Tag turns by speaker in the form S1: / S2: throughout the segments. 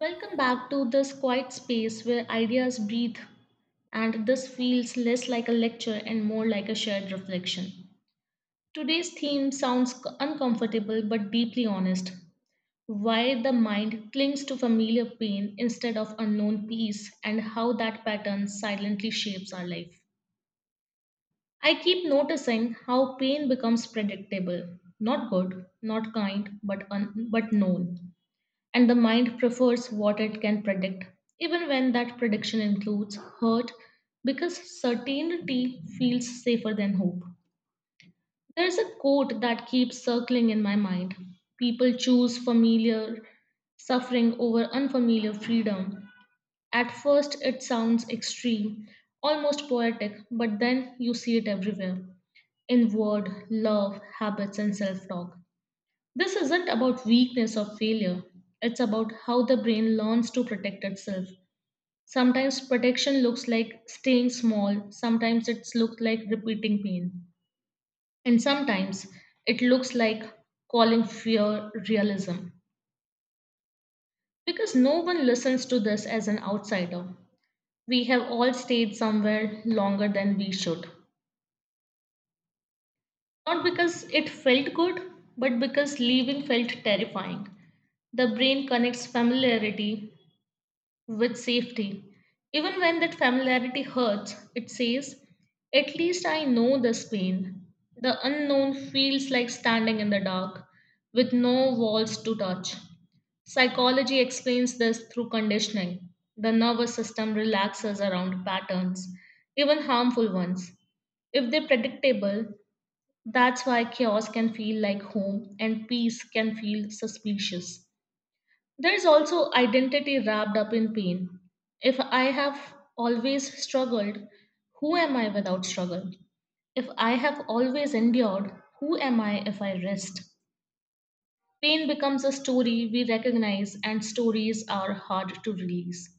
S1: Welcome back to this quiet space where ideas breathe, and this feels less like a lecture and more like a shared reflection. Today's theme sounds uncomfortable but deeply honest. Why the mind clings to familiar pain instead of unknown peace, and how that pattern silently shapes our life. I keep noticing how pain becomes predictable, not good, not kind, but known, and the mind prefers what it can predict, even when that prediction includes hurt, because certainty feels safer than hope. There's a quote that keeps circling in my mind: "People choose familiar suffering over unfamiliar freedom." At first, it sounds extreme, almost poetic, but then you see it everywhere: in word, love, habits, and self talk. This isn't about weakness or failure, it's about how the brain learns to protect itself. Sometimes protection looks like staying small, sometimes it's looked like repeating pain, and sometimes it looks like calling fear realism. Because no one listens to this as an outsider. We have all stayed somewhere longer than we should. Not because it felt good, but because leaving felt terrifying. The brain connects familiarity with safety. Even when that familiarity hurts, it says, "At least I know this pain." The unknown feels like standing in the dark, with no walls to touch. Psychology explains this through conditioning. The nervous system relaxes around patterns, even harmful ones, if they're predictable. That's why chaos can feel like home and peace can feel suspicious. There's also identity wrapped up in pain. If I have always struggled, who am I without struggle? If I have always endured, who am I if I rest? Pain becomes a story we recognize, and stories are hard to release.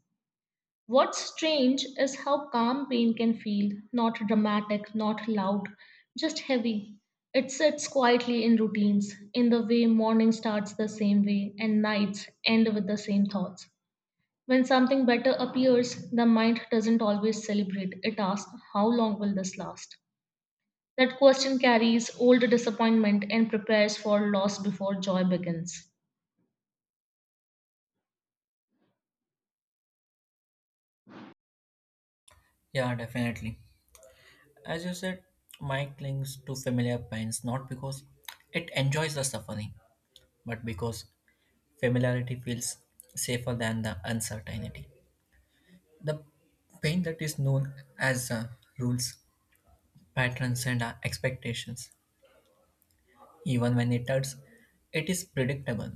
S1: What's strange is how calm pain can feel: not dramatic, not loud, just heavy. It sits quietly in routines, in the way morning starts the same way and nights end with the same thoughts. When something better appears, the mind doesn't always celebrate. It asks, "How long will this last?" That question carries old disappointment and prepares for loss before joy begins.
S2: Yeah, definitely. As you said, Mike clings to familiar pains not because it enjoys the suffering, but because familiarity feels safer than the uncertainty. The pain that is known as rules, patterns, and expectations, even when it hurts, it is predictable.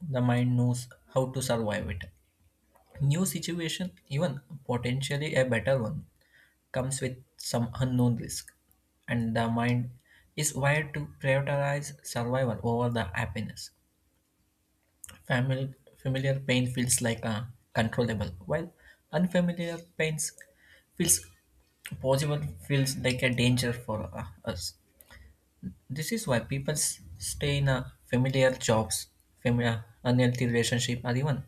S2: The mind knows how to survive it. New situation, even potentially a better one, comes with some unknown risk, and the mind is wired to prioritize survival over the happiness. Family, familiar pain feels like a controllable, while unfamiliar pains feels possible feels like a danger for us. This is why people stay in a familiar jobs, familiar unhealthy relationship, or even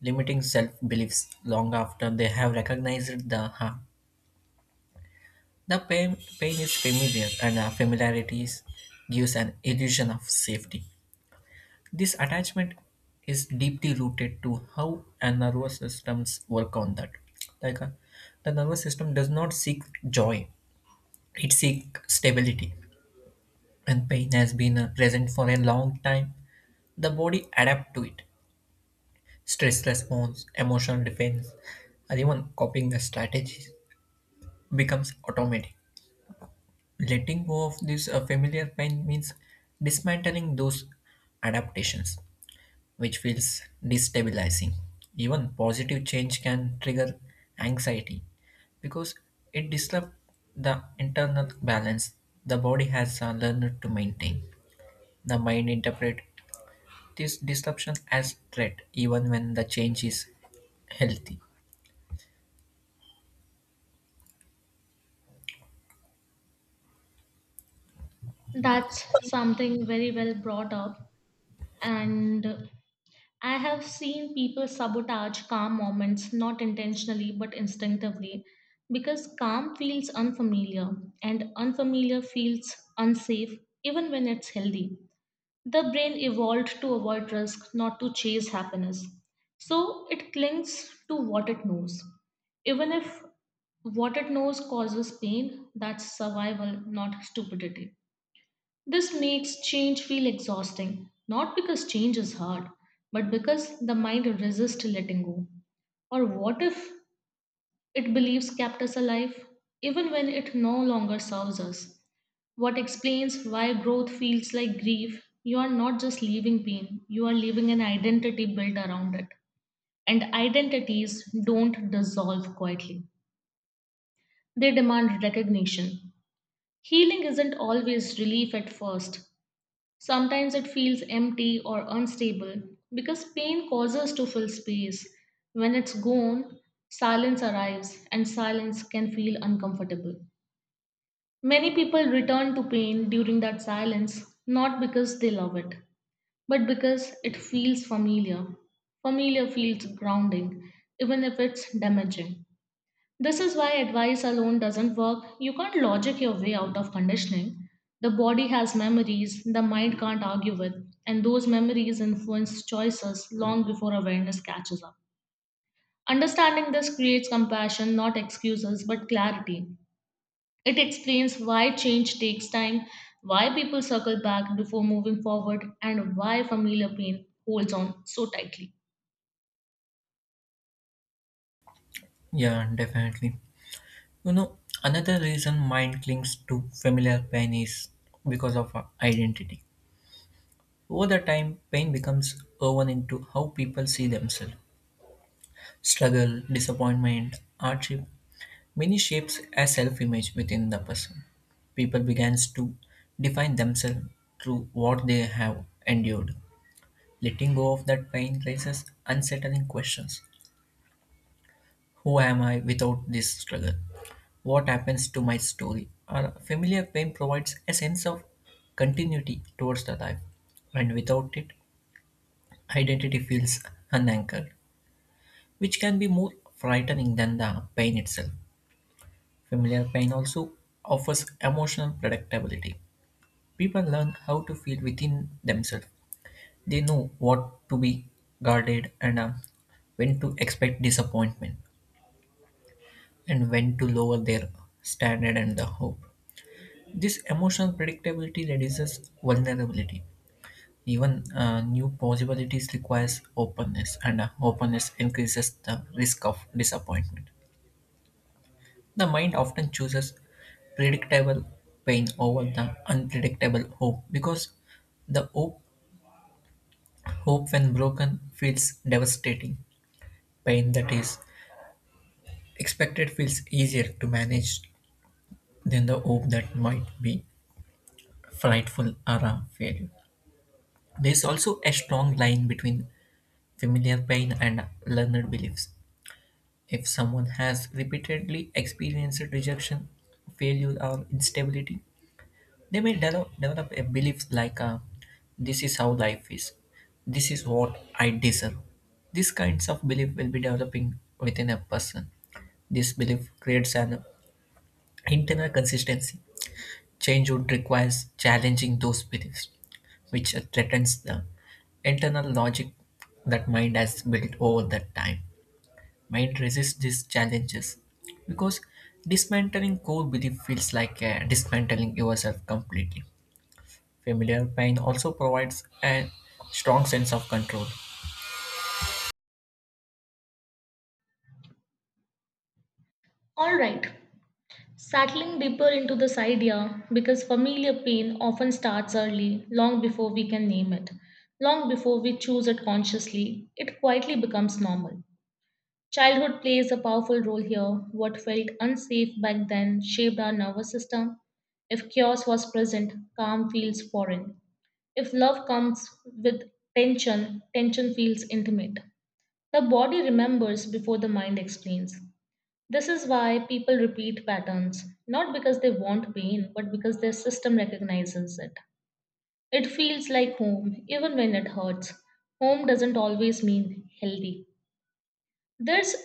S2: limiting self beliefs long after they have recognized the harm. The pain is familiar, and familiarities gives an illusion of safety. This attachment is deeply rooted to how our nervous systems work on that. Like the nervous system does not seek joy; it seeks stability. And pain has been present for a long time. The body adapts to it. Stress response, emotional defense, and even coping strategies becomes automatic. Letting go of this familiar pain means dismantling those adaptations which feels destabilizing, even positive change can trigger anxiety because it disrupts the internal balance the body has learned to maintain. The mind interprets this disruption as threat even when the change is healthy.
S1: That's something very well brought up. And I have seen people sabotage calm moments, not intentionally but instinctively, because calm feels unfamiliar and unfamiliar feels unsafe, even when it's healthy. The brain evolved to avoid risk, not to chase happiness. So it clings to what it knows. Even if what it knows causes pain, that's survival, not stupidity. This makes change feel exhausting, not because change is hard, but because the mind resists letting go. Or what if it believes kept us alive, even when it no longer serves us? What explains why growth feels like grief. You are not just leaving pain, you are leaving an identity built around it. And identities don't dissolve quietly, they demand recognition. Healing isn't always relief at first. Sometimes it feels empty or unstable because pain causes to fill space. When it's gone, silence arrives, and silence can feel uncomfortable. Many people return to pain during that silence, not because they love it, but because it feels familiar. Familiar feels grounding, even if it's damaging. This is why advice alone doesn't work. You can't logic your way out of conditioning. The body has memories the mind can't argue with, and those memories influence choices long before awareness catches up. Understanding this creates compassion, not excuses, but clarity. It explains why change takes time, why people circle back before moving forward, and why familiar pain holds on so tightly.
S2: Yeah, definitely. You know, another reason mind clings to familiar pain is because of our identity. Over the time, pain becomes woven into how people see themselves. Struggle, disappointment, hardship, many shapes a self-image within the person. People begins to define themselves through what they have endured. Letting go of that pain raises unsettling questions. Who am I without this struggle? What happens to my story? A familiar pain provides a sense of continuity towards the life, and without it, identity feels unanchored, which can be more frightening than the pain itself. Familiar pain also offers emotional predictability. People learn how to feel within themselves, they know what to be guarded and when to expect disappointment, and when to lower their standard and the hope. This emotional predictability reduces vulnerability. Even new possibilities requires openness, and openness increases the risk of disappointment. The mind often chooses predictable pain over the unpredictable hope because the hope when broken feels devastating. Pain that is expected feels easier to manage than the hope that might be frightful or a failure. There is also a strong line between familiar pain and learned beliefs. If someone has repeatedly experienced rejection, failure, or instability, they may develop a belief like this is how life is, this is what I deserve. These kinds of belief will be developing within a person. This belief creates an internal consistency. Changehood requires challenging those beliefs, which threatens the internal logic that mind has built over that time. Mind resists these challenges because dismantling core belief feels like dismantling yourself completely. Familiar pain also provides a strong sense of control.
S1: Alright, settling deeper into this idea because familiar pain often starts early, long before we can name it, long before we choose it consciously, it quietly becomes normal. Childhood plays a powerful role here. What felt unsafe back then shaped our nervous system. If chaos was present, calm feels foreign. If love comes with tension, tension feels intimate. The body remembers before the mind explains. This is why people repeat patterns, not because they want pain, but because their system recognizes it. It feels like home, even when it hurts. Home doesn't always mean healthy. There's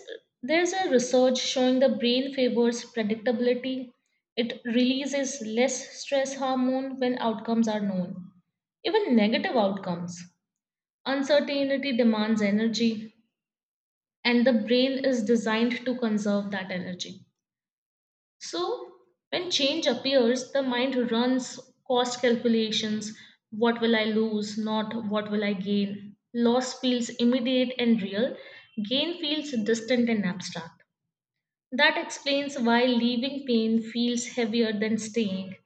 S1: there's a research showing the brain favors predictability. It releases less stress hormone when outcomes are known, even negative outcomes. Uncertainty demands energy, and the brain is designed to conserve that energy. So, when change appears, the mind runs cost calculations: what will I lose, not what will I gain. Loss feels immediate and real, gain feels distant and abstract. That explains why leaving pain feels heavier than staying.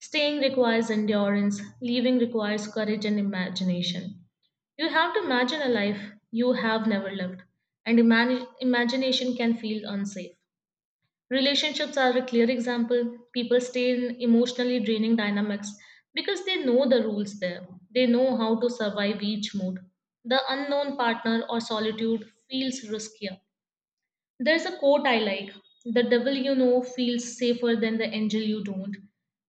S1: Staying requires endurance, leaving requires courage and imagination. You have to imagine a life you have never lived, and imagination can feel unsafe. Relationships are a clear example. People stay in emotionally draining dynamics because they know the rules there. They know how to survive each mood. The unknown partner or solitude feels riskier. There's a quote I like: "The devil you know feels safer than the angel you don't."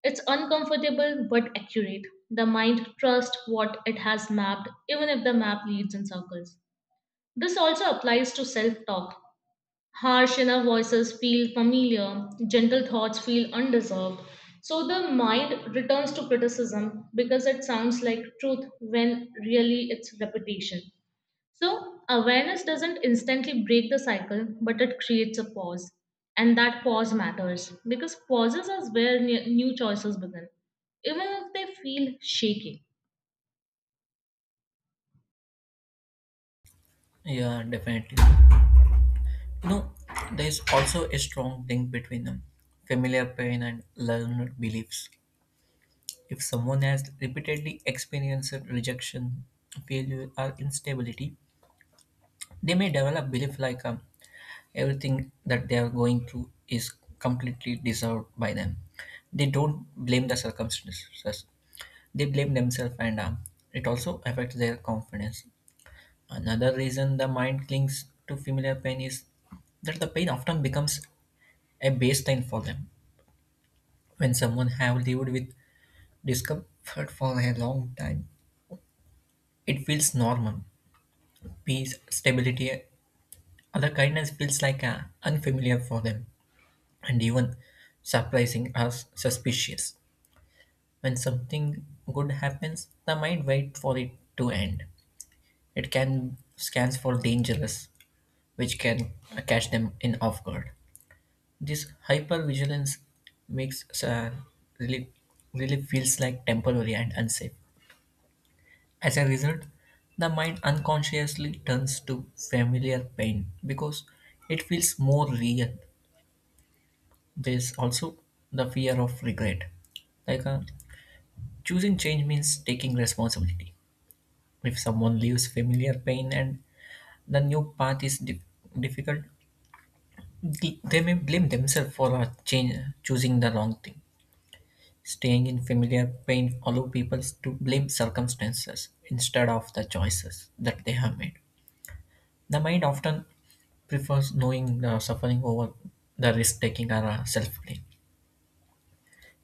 S1: It's uncomfortable but accurate. The mind trusts what it has mapped, even if the map leads in circles. This also applies to self talk. Harsh inner voices feel familiar, gentle thoughts feel undeserved. So the mind returns to criticism because it sounds like truth when really it's repetition. So, awareness doesn't instantly break the cycle, but it creates a pause. And that pause matters because pauses is where new choices begin, even if they feel shaky.
S2: Yeah, definitely. You know, there is also a strong link between familiar pain and learned beliefs. If someone has repeatedly experienced rejection, failure, or instability, they may develop belief like everything that they are going through is completely deserved by them. They don't blame the circumstances, they blame themselves, and it also affects their confidence. Another reason the mind clings to familiar pain is that the pain often becomes a baseline for them. When someone have lived with discomfort for a long time, it feels normal. Peace, stability, other kindness feels like unfamiliar for them, and even surprising or suspicious. When something good happens, the mind waits for it to end. It can scans for dangerous, which can catch them in off guard. This hypervigilance makes relief, relief feels like temporary and unsafe. As a result, the mind unconsciously turns to familiar pain because it feels more real. There's also the fear of regret. Like choosing change means taking responsibility. If someone leaves familiar pain and the new path is difficult, they may blame themselves for a change, choosing the wrong thing. Staying in familiar pain allow people to blame circumstances instead of the choices that they have made. The mind often prefers knowing the suffering over the risk taking or self blame.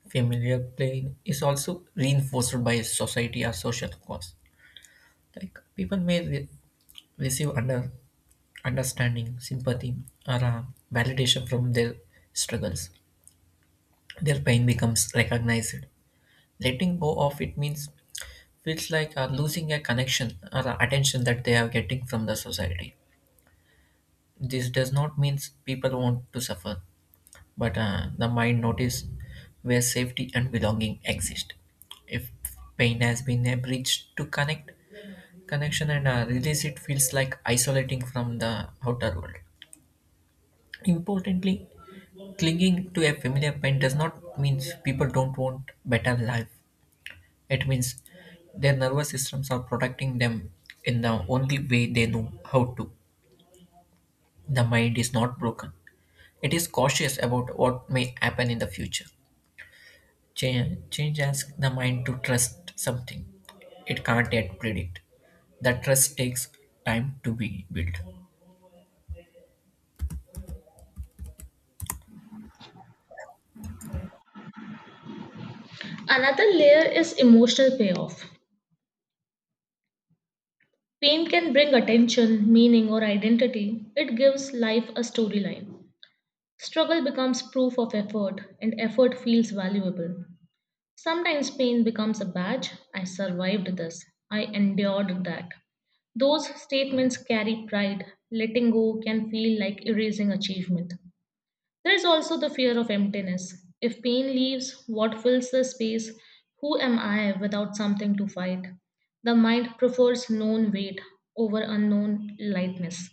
S2: Familiar pain is also reinforced by society or social cause. Like people may receive under understanding, sympathy, or validation from their struggles. Their pain becomes recognized. Letting go of it means feels like losing a connection or attention that they are getting from the society. This does not mean people want to suffer, but the mind notice where safety and belonging exist. If pain has been a bridge to connect connection and release, it feels like isolating from the outer world. Importantly, clinging to a familiar pain does not mean people don't want better life. It means their nervous systems are protecting them in the only way they know how to. The mind is not broken. It is cautious about what may happen in the future. Change asks the mind to trust something it can't yet predict. The trust takes time to be built.
S1: Another layer is emotional payoff. Pain can bring attention, meaning, or identity. It gives life a storyline. Struggle becomes proof of effort, and effort feels valuable. Sometimes pain becomes a badge. I survived this. I endured that. Those statements carry pride. Letting go can feel like erasing achievement. There is also the fear of emptiness. If pain leaves, what fills the space? Who am I without something to fight? The mind prefers known weight over unknown lightness.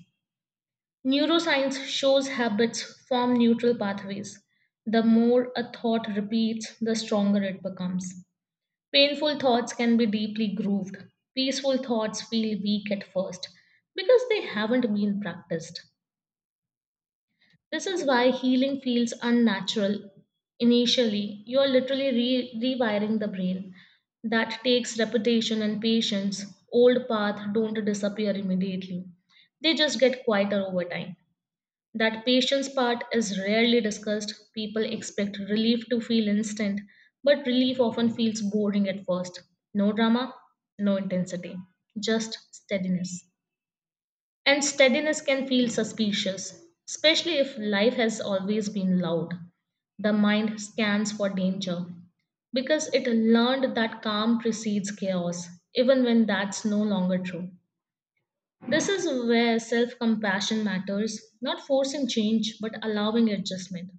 S1: Neuroscience shows habits form neutral pathways. The more a thought repeats, the stronger it becomes. Painful thoughts can be deeply grooved. Peaceful thoughts feel weak at first because they haven't been practiced. This is why healing feels unnatural. Initially, you are literally rewiring the brain. That takes repetition and patience. Old paths don't disappear immediately, they just get quieter over time. That patience part is rarely discussed. People expect relief to feel instant, but relief often feels boring at first. No drama, no intensity, just steadiness. And steadiness can feel suspicious, especially if life has always been loud. The mind scans for danger because it learned that calm precedes chaos, even when that's no longer true. This is where self compassion matters, not forcing change, but allowing adjustment,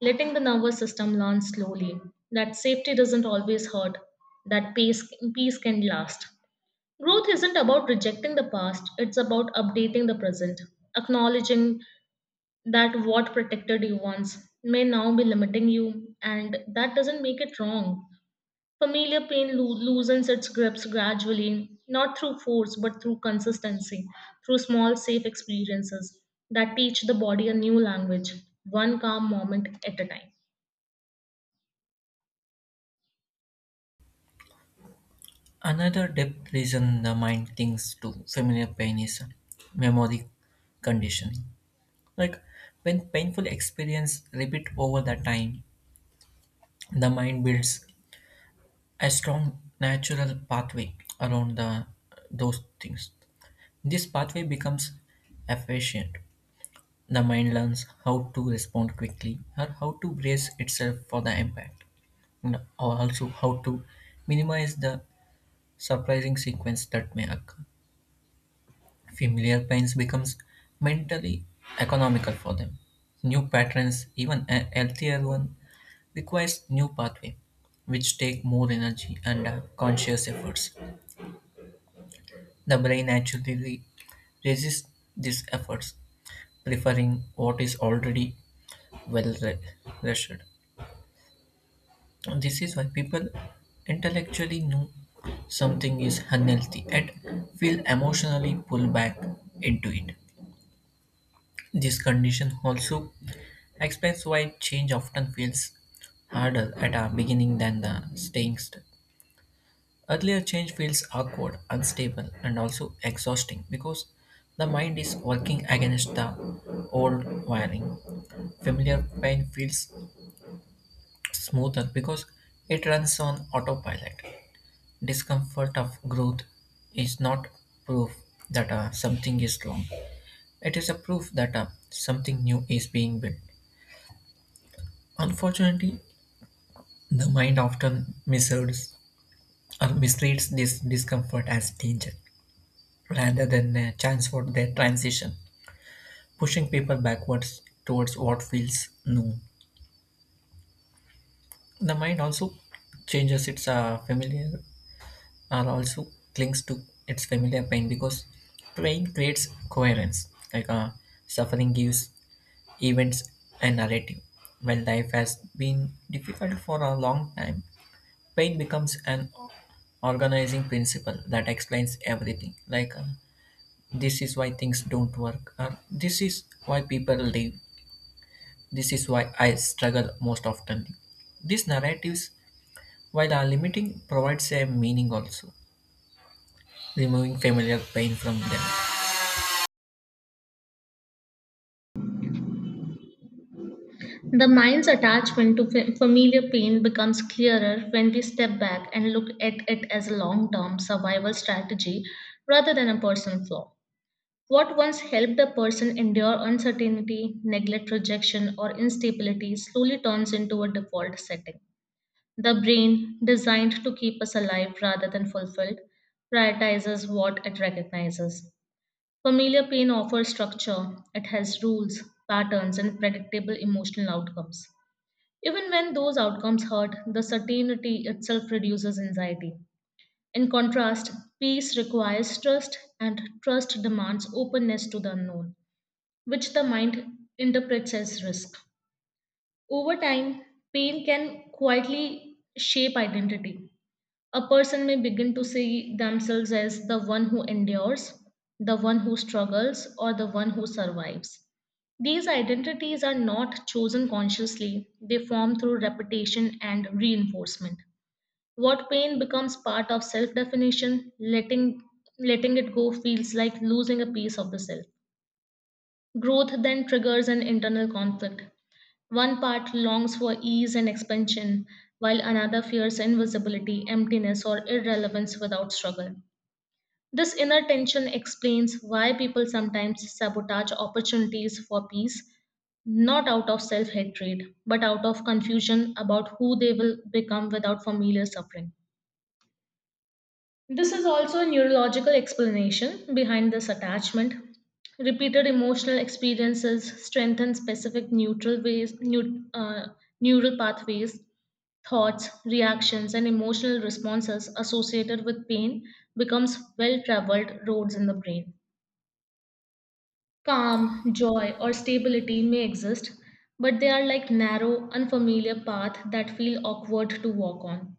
S1: letting the nervous system learn slowly that safety doesn't always hurt, that peace can last. Growth isn't about rejecting the past, it's about updating the present, acknowledging that what protected you once may now be limiting you, and that doesn't make it wrong. Familiar pain loosens its grips gradually, not through force but through consistency, through small safe experiences that teach the body a new language, one calm moment at a time.
S2: Another deep reason the mind thinks to familiar pain is memory conditioning. Like when painful experience repeat over the time, the mind builds a strong natural pathway around the those things. This pathway becomes efficient. The mind learns how to respond quickly or how to brace itself for the impact, and or also how to minimize the surprising sequence that may occur. Familiar pains becomes mentally economical for them. New patterns, even a healthier one, requires new pathway, which take more energy and conscious efforts. The brain naturally resists these efforts, preferring what is already well rested. This is why people intellectually know something is unhealthy and feel emotionally pulled back into it. This condition also explains why change often feels harder at our beginning than the staying earlier. Change feels awkward, unstable, and also exhausting because the mind is working against the old wiring. Familiar pain feels smoother because it runs on autopilot. Discomfort of growth is not proof that something is wrong, it is a proof that something new is being built. Unfortunately, the mind often misreads this discomfort as danger rather than a chance for their transition, pushing people backwards towards what feels new. The mind also changes its familiar or also clings to its familiar pain because pain creates coherence. Like suffering gives events a narrative. When life has been difficult for a long time, pain becomes an organizing principle that explains everything. Like this is why things don't work, or this is why people leave. This is why I struggle most often. These narratives, while are limiting, provides a meaning also, removing familiar pain from them.
S1: The mind's attachment to familiar pain becomes clearer when we step back and look at it as a long term survival strategy rather than a personal flaw. What once helped a person endure uncertainty, neglect, rejection, or instability slowly turns into a default setting. The brain, designed to keep us alive rather than fulfilled, prioritizes what it recognizes. Familiar pain offers structure, it has rules, patterns, and predictable emotional outcomes. Even when those outcomes hurt, the certainty itself reduces anxiety. In contrast, peace requires trust, and trust demands openness to the unknown, which the mind interprets as risk. Over time, pain can quietly shape identity. A person may begin to see themselves as the one who endures, the one who struggles, or the one who survives. These identities are not chosen consciously, they form through repetition and reinforcement. What pain becomes part of self definition, letting it go feels like losing a piece of the self. Growth then triggers an internal conflict. One part longs for ease and expansion, while another fears invisibility, emptiness, or irrelevance without struggle. This inner tension explains why people sometimes sabotage opportunities for peace, not out of self hatred, but out of confusion about who they will become without familiar suffering. This is also a neurological explanation behind this attachment. Repeated emotional experiences strengthen specific neutral ways, neural pathways, thoughts, reactions, and emotional responses associated with pain becomes well-traveled roads in the brain. Calm, joy, or stability may exist, but they are like narrow, unfamiliar paths that feel awkward to walk on.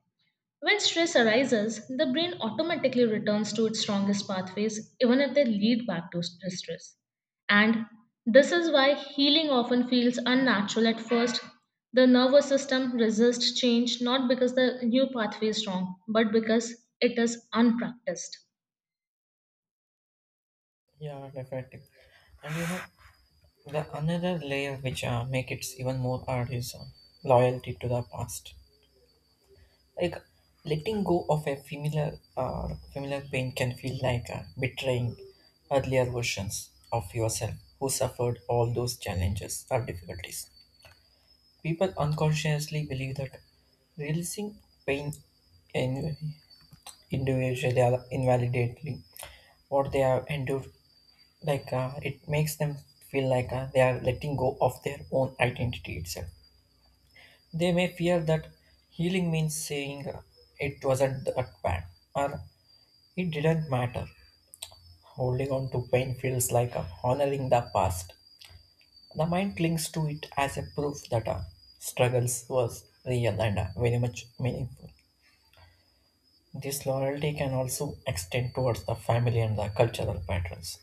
S1: When stress arises, the brain automatically returns to its strongest pathways, even if they lead back to stress. And this is why healing often feels unnatural at first. The nervous system resists change not because the new pathway is wrong, but because it is unpracticed.
S2: Yeah, definitely. And you know, the another layer which make it even more hard is loyalty to the past. Like letting go of a familiar pain can feel like betraying earlier versions of yourself who suffered all those challenges or difficulties. People unconsciously believe that releasing pain in individually or invalidately what they have endured, like it makes them feel like they are letting go of their own identity itself. They may feel that healing means saying it wasn't that bad or it didn't matter. Holding on to pain feels like honoring the past. The mind clings to it as a proof that our struggles was real and very much meaningful. This loyalty can also extend towards the family and the cultural patterns.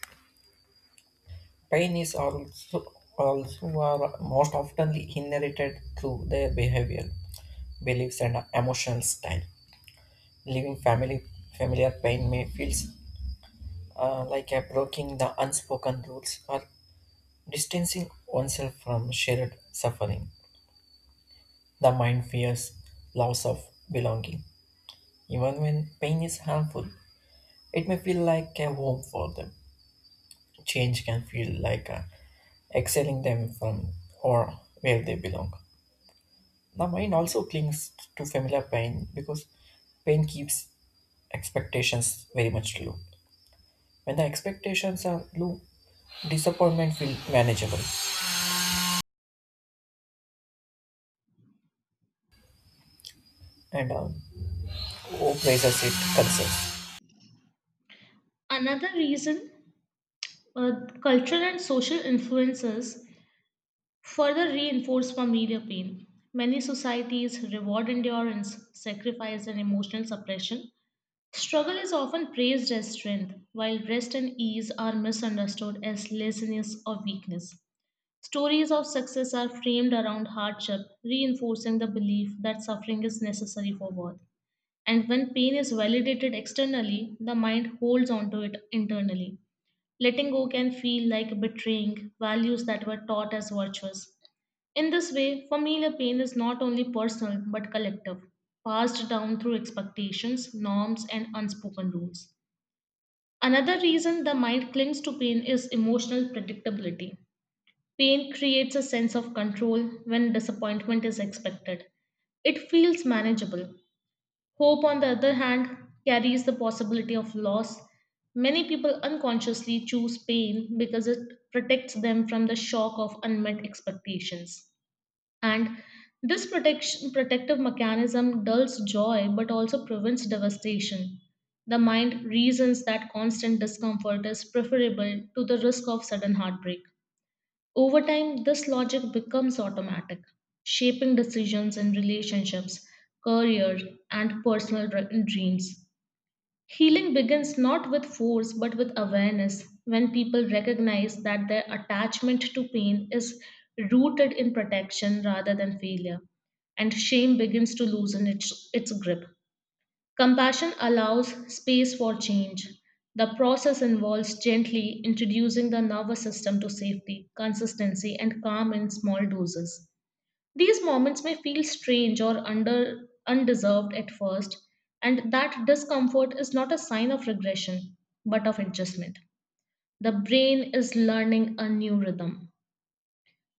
S2: Pain is also are most oftenly inherited through their behavior, beliefs, and emotional style. Leaving family familiar pain may feels like a breaking the unspoken rules or distancing oneself from shared suffering. The mind fears loss of belonging. Even when pain is harmful, it may feel like a home for them. Change can feel like exiling them from or where they belong. The mind also clings to familiar pain because pain keeps expectations very much low. When the expectations are low, disappointment feels manageable and replaces it concerns.
S1: Another reason, uh, cultural and social influences further reinforce familiar pain. Many societies reward endurance, sacrifice, and emotional suppression. Struggle is often praised as strength, while rest and ease are misunderstood as laziness or weakness. Stories of success are framed around hardship, reinforcing the belief that suffering is necessary for worth. And when pain is validated externally, the mind holds onto it internally. Letting go can feel like betraying values that were taught as virtues. In this way, familiar pain is not only personal but collective, passed down through expectations, norms, and unspoken rules. Another reason the mind clings to pain is emotional predictability. Pain creates a sense of control when disappointment is expected. It feels manageable. Hope, on the other hand, carries the possibility of loss. Many people unconsciously choose pain because it protects them from the shock of unmet expectations. And this protective mechanism dulls joy but also prevents devastation. The mind reasons that constant discomfort is preferable to the risk of sudden heartbreak. Over time, this logic becomes automatic, shaping decisions in relationships, career, and personal dreams. Healing begins not with force but with awareness when people recognize that their attachment to pain is rooted in protection rather than failure, and shame begins to loosen its grip. Compassion allows space for change. The process involves gently introducing the nervous system to safety, consistency, and calm in small doses. These moments may feel strange or undeserved at first, and that discomfort is not a sign of regression, but of adjustment. The brain is learning a new rhythm.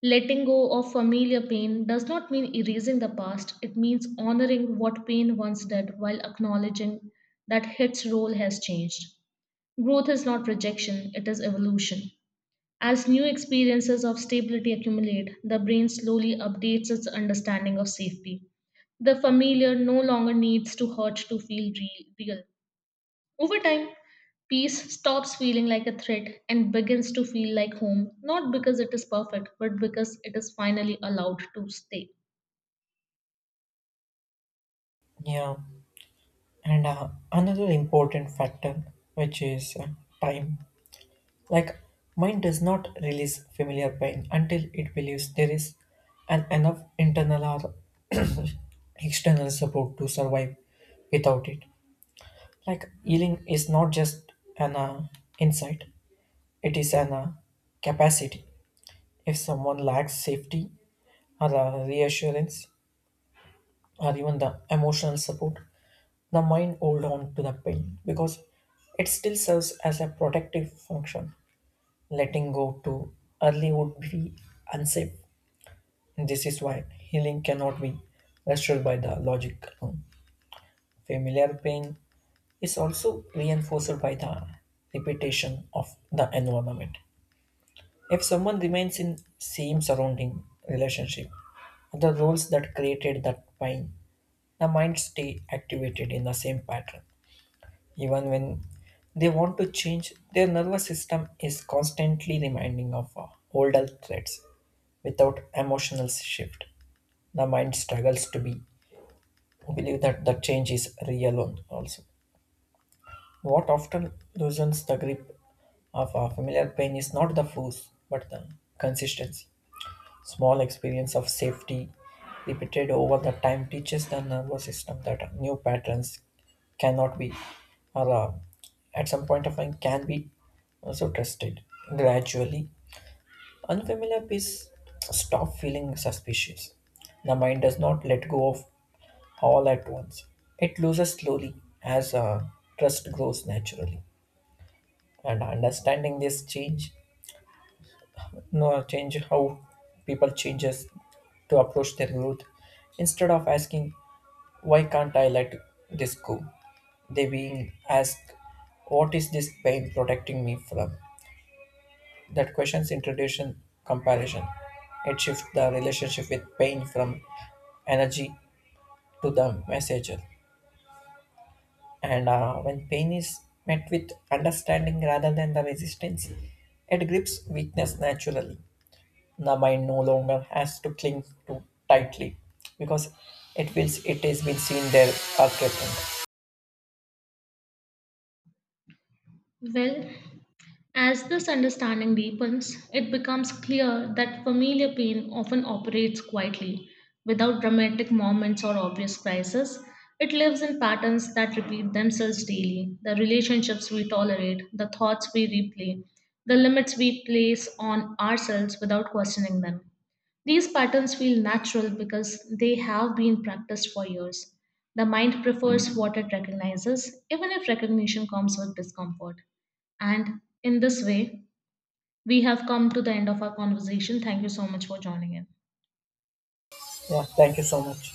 S1: Letting go of familiar pain does not mean erasing the past, it means honoring what pain once did while acknowledging that its role has changed. Growth is not rejection, it is evolution. As new experiences of stability accumulate, the brain slowly updates its understanding of safety. The familiar no longer needs to hurt to feel real. Over time, peace stops feeling like a threat and begins to feel like home, not because it is perfect, but because it is finally allowed to stay.
S2: Yeah, and another important factor which is time. Like, mind does not release familiar pain until it believes there is an enough internal or external support to survive without it. Like, healing is not just an insight, it is an capacity. If someone lacks safety or reassurance or even the emotional support, the mind hold on to the pain because it still serves as a protective function. Letting go too early would be unsafe. This is why healing cannot be restored by the logic alone. Familiar pain is also reinforced by the repetition of the environment. If someone remains in same surrounding relationship, the roles that created that pain, the mind stay activated in the same pattern. Even when they want to change, their nervous system is constantly reminding of older threats. Without emotional shift, the mind struggles to be believe that the change is real also. What often loosens the grip of a familiar pain is not the force, but the consistency. Small experience of safety repeated over the time teaches the nervous system that new patterns cannot be or at some point of time can be also trusted. Gradually, unfamiliar piece stop feeling suspicious. The mind does not let go of all at once. It loses slowly as trust grows naturally. And understanding this change, no change how people changes to approach their growth. Instead of asking why can't I let this go, they being asked what is this pain protecting me from. That questions introduce comparison. It shifts the relationship with pain from energy to the messenger. And when pain is met with understanding rather than the resistance, it grips weakness naturally. The mind no longer has to cling too tightly because it feels it has been seen there are threatened.
S1: Well, as this understanding deepens, it becomes clear that familiar pain often operates quietly, without dramatic moments or obvious crises. It lives in patterns that repeat themselves daily: the relationships we tolerate, the thoughts we replay, the limits we place on ourselves without questioning them. These patterns feel natural because they have been practiced for years. The mind prefers what it recognizes, even if recognition comes with discomfort. And in this way, we have come to the end of our conversation. Thank you so much for joining in.
S2: Yeah, thank you so much.